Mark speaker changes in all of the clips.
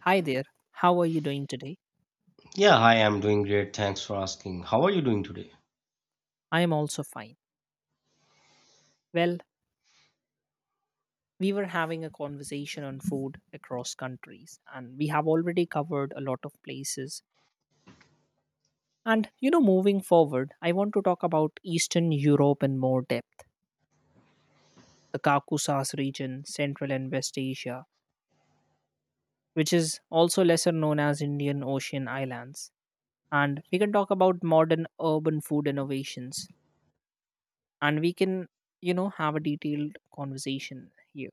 Speaker 1: Hi there, how are you doing today?
Speaker 2: Yeah, hi, I'm doing great. Thanks for asking. How are you doing today?
Speaker 1: I am also fine. Well, we were having a conversation on food across countries, and we have already covered a lot of places. And you know, moving forward, I want to talk about Eastern Europe in more depth, the Caucasus region, Central and West Asia, which is also lesser known as Indian Ocean Islands. And we can talk about modern urban food innovations, and you know, have a detailed conversation here.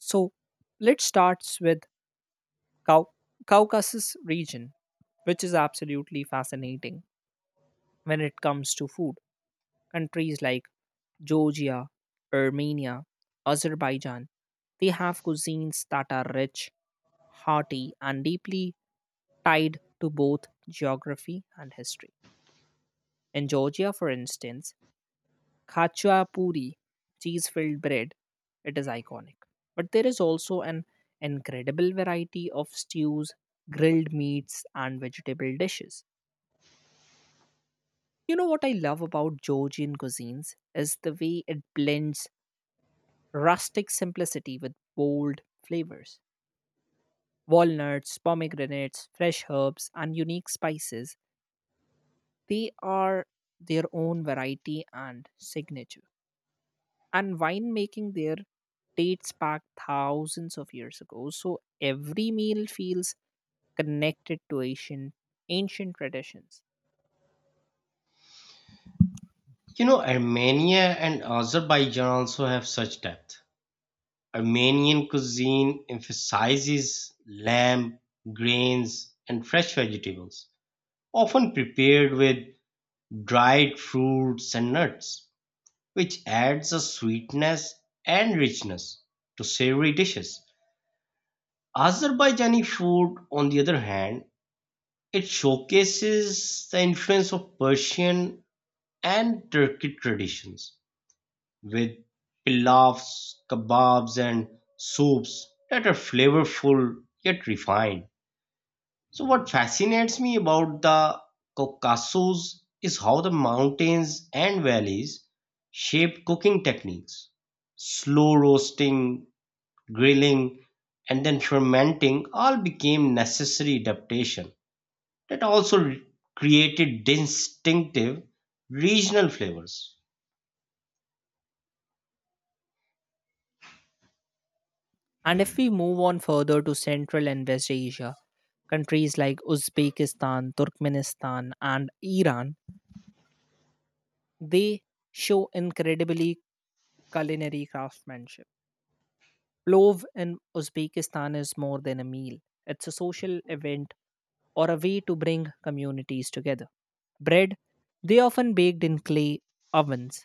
Speaker 1: So let's start with Cau- Caucasus region, which is absolutely fascinating when it comes to food. Countries like Georgia, Armenia, Azerbaijan, they have cuisines that are rich, hearty, and deeply tied to both geography and history. In Georgia, for instance, Khachua puri, cheese filled bread, it is iconic. But there is also an incredible variety of stews, grilled meats, and vegetable dishes. You know what I love about Georgian cuisines is the way it blends rustic simplicity with bold flavors. Walnuts, pomegranates, fresh herbs, and unique spices, they are their own variety and signature. And winemaking there dates back thousands of years ago, so every meal feels connected to ancient traditions.
Speaker 2: You know, Armenia and Azerbaijan also have such depth. Armenian cuisine emphasizes lamb, grains, and fresh vegetables, often prepared with dried fruits and nuts, which adds a sweetness and richness to savory dishes. Azerbaijani food, on the other hand, it showcases the influence of Persian and Turkic traditions, with pilafs, kebabs, and soups that are flavorful yet refined. So, what fascinates me about the Caucasus is how the mountains and valleys shape cooking techniques. Slow roasting, grilling, and then fermenting all became necessary adaptation that also created distinctive regional flavors.
Speaker 1: And if we move on further to Central and West Asia, countries like Uzbekistan, Turkmenistan, and Iran, they show incredibly culinary craftsmanship. Plov in Uzbekistan is more than a meal, it's a social event or a way to bring communities together. Bread, they often baked in clay ovens,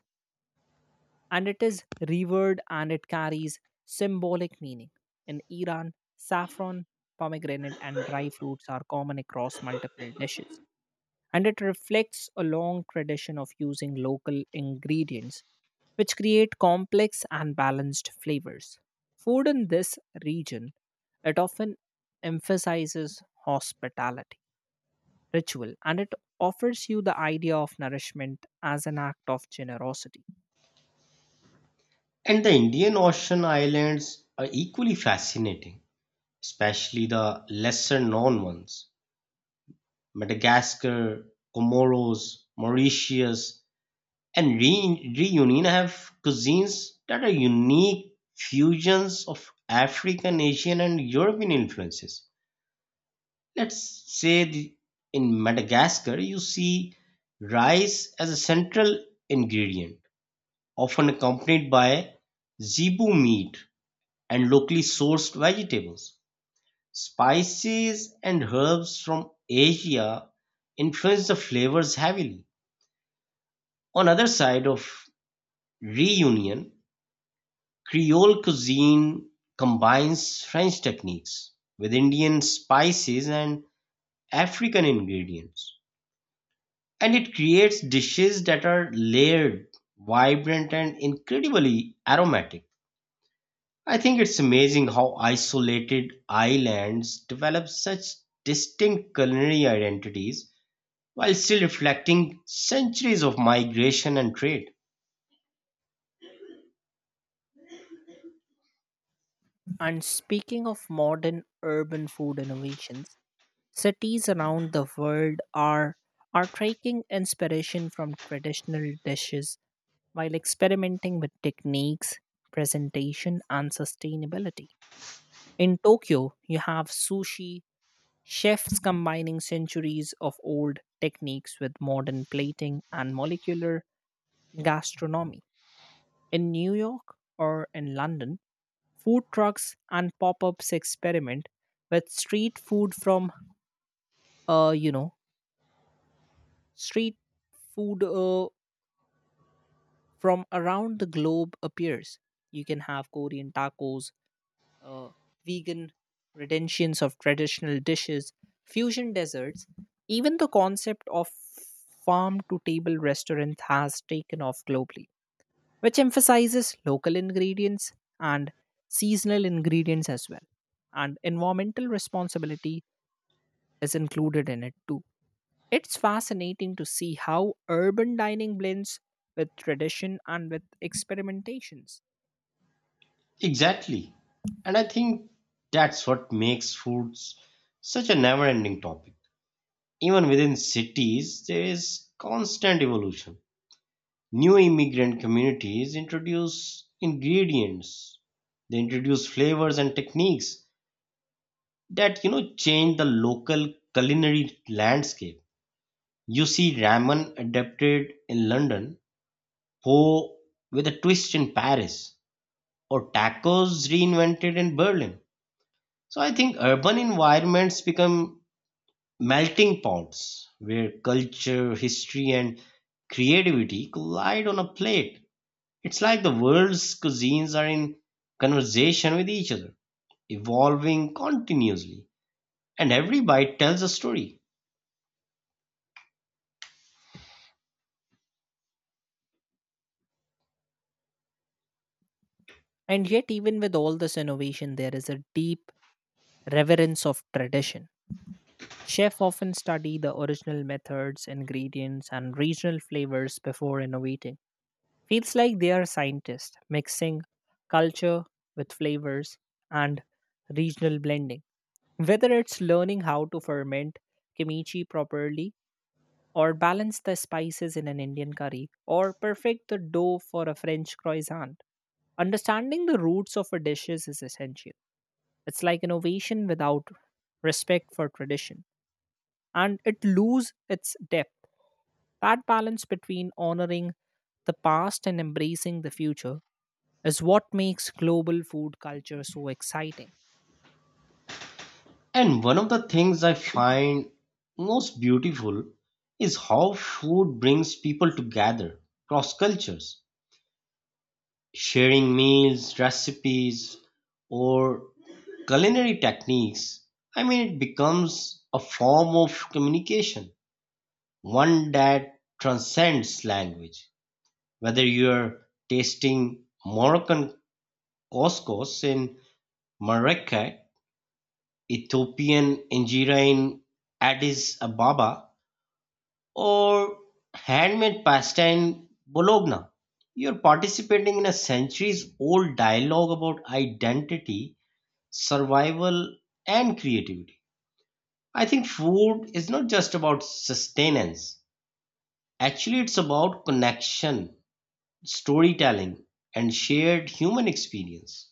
Speaker 1: and it is revered and it carries symbolic meaning. In Iran, saffron, pomegranate, and dry fruits are common across multiple dishes, and it reflects a long tradition of using local ingredients which create complex and balanced flavors. Food in this region, it often emphasizes hospitality, ritual, and it offers you the idea of nourishment as an act of generosity.
Speaker 2: And the Indian Ocean islands are equally fascinating, especially the lesser known ones: Madagascar, Comoros, Mauritius, and Reunion have cuisines that are unique fusions of African, Asian, and European influences. Let's say in Madagascar, you see rice as a central ingredient, often accompanied by zebu meat and locally sourced vegetables, spices, and herbs from Asia influence the flavors heavily. On other side of reunion, Creole cuisine combines French techniques with Indian spices and African ingredients, and it creates dishes that are layered, vibrant, and incredibly aromatic. I think it's amazing how isolated islands develop such distinct culinary identities while still reflecting centuries of migration and trade.
Speaker 1: And speaking of modern urban food innovations, cities around the world are taking inspiration from traditional dishes while experimenting with techniques, presentation and sustainability. In Tokyo, you have sushi chefs combining centuries of old techniques with modern plating and molecular gastronomy. In New York or in London, food trucks and pop-ups experiment with street food from you know street food from around the globe appears. You can have Korean tacos, uh, vegan renditions of traditional dishes, fusion desserts. Even the concept of farm to table restaurant has taken off globally, which emphasizes local ingredients and seasonal ingredients as well. And environmental responsibility is included in it too. It's fascinating to see how urban dining blends with tradition and with experimentations.
Speaker 2: Exactly. And I think that's what makes foods such a never ending topic. Even within cities, there is constant evolution. New immigrant communities introduce ingredients, they introduce flavors and techniques that change the local culinary landscape. You see ramen adapted in London, pho with a twist in Paris, or tacos reinvented in Berlin. So I think urban environments become melting pots where culture, history, and creativity collide on a plate. It's like the world's cuisines are in conversation with each other, evolving continuously, and every bite tells a story.
Speaker 1: And yet, even with all this innovation, there is a deep reverence of tradition. Chefs often study the original methods, ingredients, and regional flavors before innovating. Feels like they are scientists mixing culture with flavors and regional blending. Whether it's learning how to ferment kimchi properly, or balance the spices in an Indian curry, or perfect the dough for a French croissant, understanding the roots of a dishes is essential. It's like innovation without respect for tradition, and it loses its depth. That balance between honoring the past and embracing the future is what makes global food culture so exciting.
Speaker 2: And one of the things I find most beautiful is how food brings people together across cultures, sharing meals, recipes, or culinary techniques. I mean, it becomes a form of communication, one that transcends language. Whether you're tasting Moroccan couscous in Marrakech, Ethiopian injera in Addis Ababa, or handmade pasta in Bologna. You're participating in a centuries old dialogue about identity, survival, and creativity. I think food is not just about sustenance, actually, it's about connection, storytelling, and shared human experience.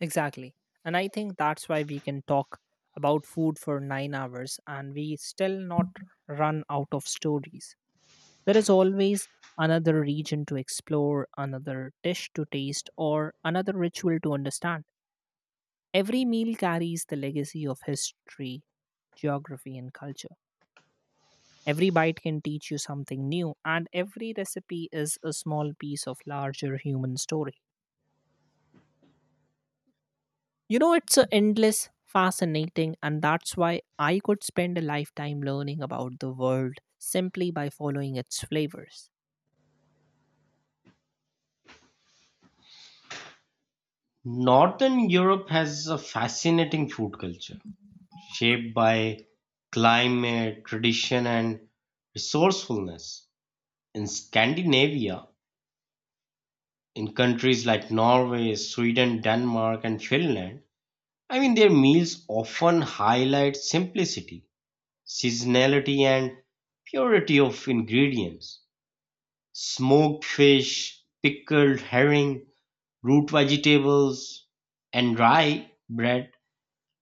Speaker 1: Exactly. And I think that's why we can talk about food for 9 hours and we still not run out of stories. There is always another region to explore, another dish to taste, or another ritual to understand. Every meal carries the legacy of history, geography, and culture. Every bite can teach you something new, and every recipe is a small piece of larger human story. You know, it's a endless, fascinating, and that's why I could spend a lifetime learning about the world simply by following its flavors.
Speaker 2: Northern Europe has a fascinating food culture shaped by climate, tradition, and resourcefulness. In Scandinavia, in countries like Norway, Sweden, Denmark, and Finland, I mean, their meals often highlight simplicity, seasonality, and purity of ingredients. Smoked fish, pickled herring, root vegetables, and rye bread.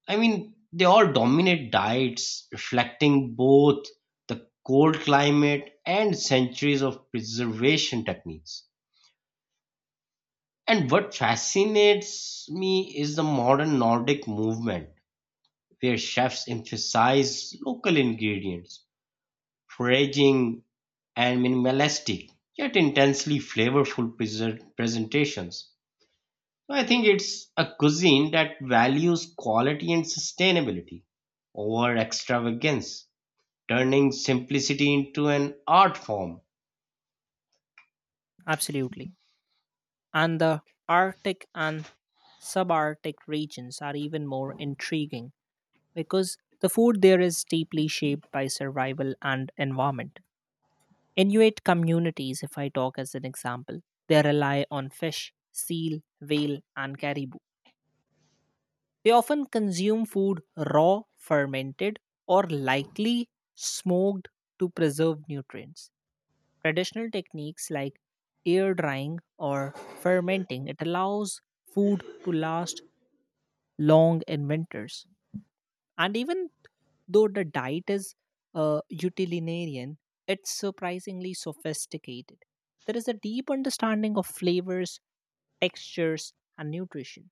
Speaker 2: I mean, they all dominate diets reflecting both the cold climate and centuries of preservation techniques. And what fascinates me is the modern Nordic movement, where chefs emphasize local ingredients, foraging, and minimalistic, yet intensely flavorful presentations. So I think it's a cuisine that values quality and sustainability over extravagance, turning simplicity into an art form.
Speaker 1: Absolutely. And the Arctic and subarctic regions are even more intriguing because the food there is deeply shaped by survival and environment. Inuit communities, if I talk as an example, they rely on fish, seal, whale, and caribou. They often consume food raw, fermented, or likely smoked to preserve nutrients. Traditional techniques like air drying or fermenting it allows food to last long in winters. And even though the diet is utilitarian, it's surprisingly sophisticated. There is a deep understanding of flavors, textures, and nutrition.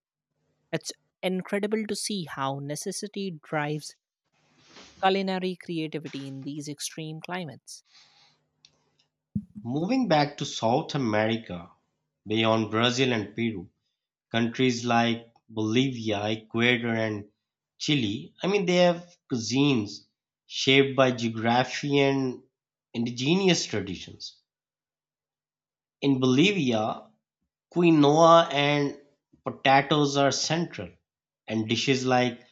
Speaker 1: It's incredible to see how necessity drives culinary creativity in these extreme climates.
Speaker 2: Moving back to South America, beyond Brazil and Peru. Countries like Bolivia, Ecuador, and Chile, I mean, they have cuisines shaped by geography and indigenous traditions. In Bolivia, quinoa and potatoes are central, and dishes like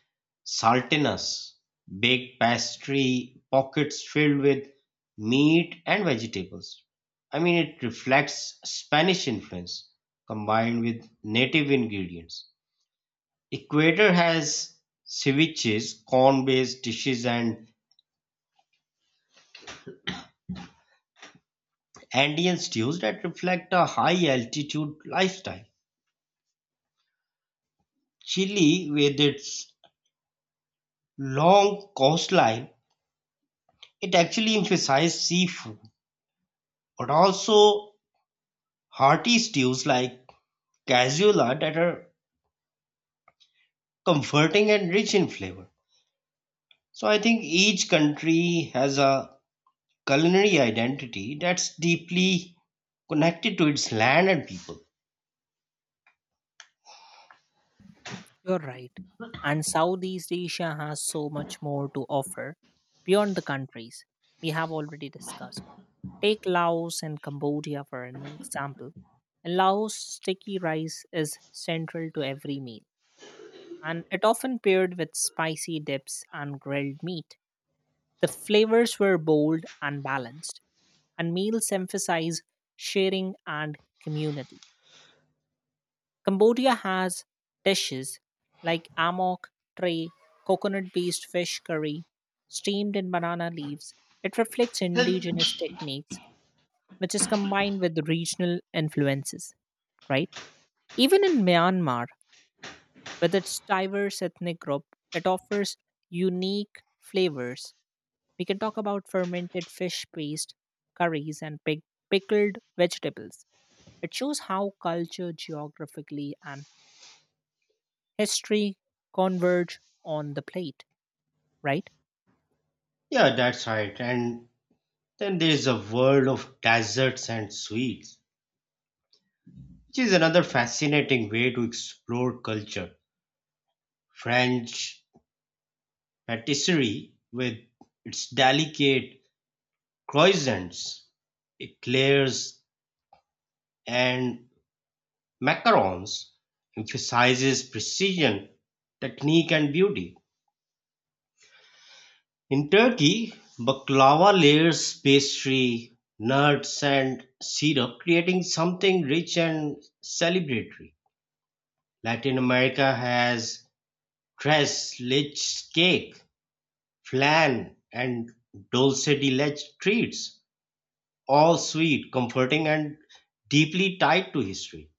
Speaker 2: saltinas, baked pastry, pockets filled with meat and vegetables. I mean, it reflects Spanish influence combined with native ingredients. Ecuador has ceviches, corn-based dishes and Andean stews that reflect a high-altitude lifestyle. Chile, with its long coastline, it actually emphasizes seafood, but also hearty stews like cazuela that are comforting and rich in flavor. So I think each country has a culinary identity that's deeply connected to its land and people.
Speaker 1: You're right. And Southeast Asia has so much more to offer beyond the countries we have already discussed. Take Laos and Cambodia for an example. In Laos, sticky rice is central to every meal, and it often paired with spicy dips and grilled meat. The flavors were bold and balanced, and meals emphasize sharing and community. Cambodia has dishes like amok tray, coconut based fish curry, steamed in banana leaves. It reflects indigenous techniques, which is combined with regional influences, right? Even in Myanmar, with its diverse ethnic group, it offers unique flavors. We can talk about fermented fish paste, curries, and pickled vegetables. It shows how culture geographically and history converge on the plate, right?
Speaker 2: Yeah, that's right. And then there is a world of desserts and sweets, which is another fascinating way to explore culture. French patisserie with its delicate croissants, eclairs, and macarons emphasizes precision, technique, and beauty. In Turkey, baklava layers pastry, nuts, and syrup, creating something rich and celebratory. Latin America has tres leches cake, flan and dulce de leche treats, all sweet, comforting and deeply tied to history.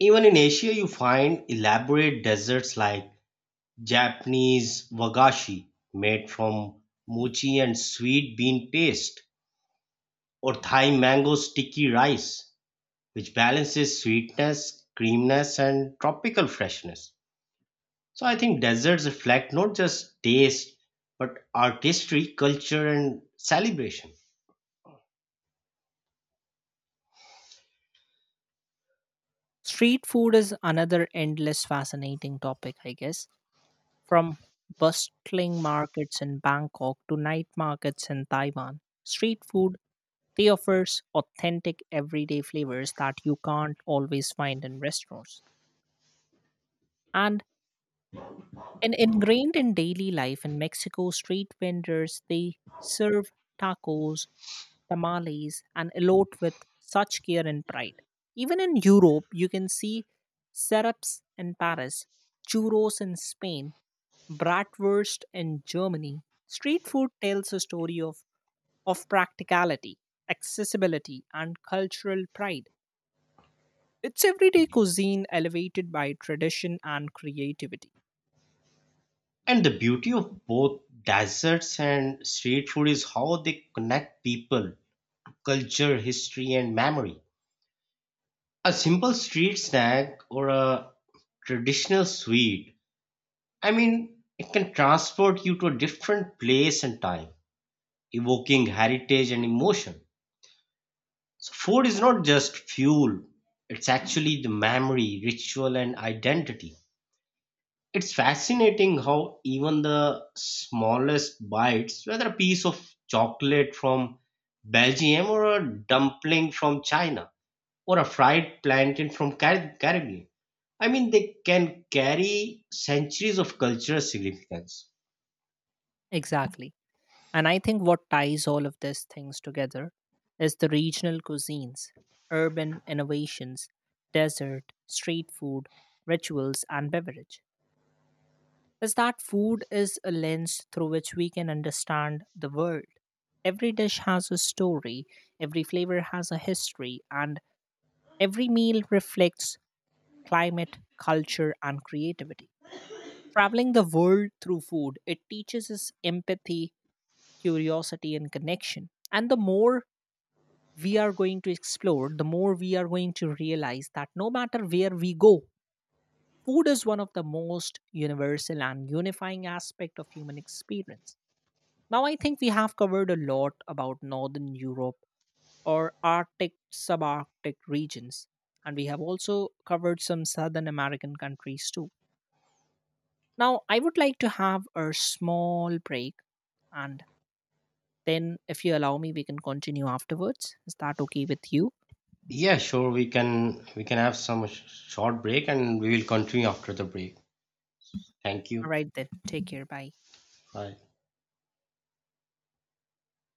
Speaker 2: Even in Asia you find elaborate desserts like Japanese wagashi made from mochi and sweet bean paste or Thai mango sticky rice which balances sweetness, creaminess and tropical freshness. So I think deserts reflect not just taste, but artistry, culture, and celebration.
Speaker 1: Street food is another endless fascinating topic, I guess, from bustling markets in Bangkok to night markets in Taiwan. Street food, they offers authentic everyday flavors that you can't always find in restaurants. And And ingrained in daily life in Mexico, street vendors they serve tacos, tamales, and elote with such care and pride. Even in Europe, you can see syrups in Paris, churros in Spain, bratwurst in Germany. Street food tells a story of practicality, accessibility, and cultural pride. It's everyday cuisine elevated by tradition and creativity.
Speaker 2: And the beauty of both deserts and street food is how they connect people, culture, history, and memory. A simple street snack or a traditional sweet, I mean, it can transport you to a different place and time, evoking heritage and emotion. So, food is not just fuel, it's actually the memory, ritual, and identity. It's fascinating how even the smallest bites, whether a piece of chocolate from Belgium or a dumpling from China or a fried plantain from Caribbean, I mean, they can carry centuries of cultural significance.
Speaker 1: Exactly. And I think what ties all of these things together is the regional cuisines, urban innovations, desert, street food, rituals, and beverage, is that food is a lens through which we can understand the world. Every dish has a story, every flavor has a history, and every meal reflects climate, culture, and creativity. Traveling the world through food, it teaches us empathy, curiosity, and connection. And the more we are going to explore, the more we are going to realize that no matter where we go, food is one of the most universal and unifying aspect of human experience. Now, I think we have covered a lot about Northern Europe or Arctic subarctic regions, and we have also covered some Southern American countries too. Now, I would like to have a small break, and then if you allow me, we can continue afterwards. Is that okay with you?
Speaker 2: Yeah, sure. We can have some short break and we will continue after the break. Thank
Speaker 1: All
Speaker 2: you.
Speaker 1: right, then, take care. Bye.
Speaker 2: Bye.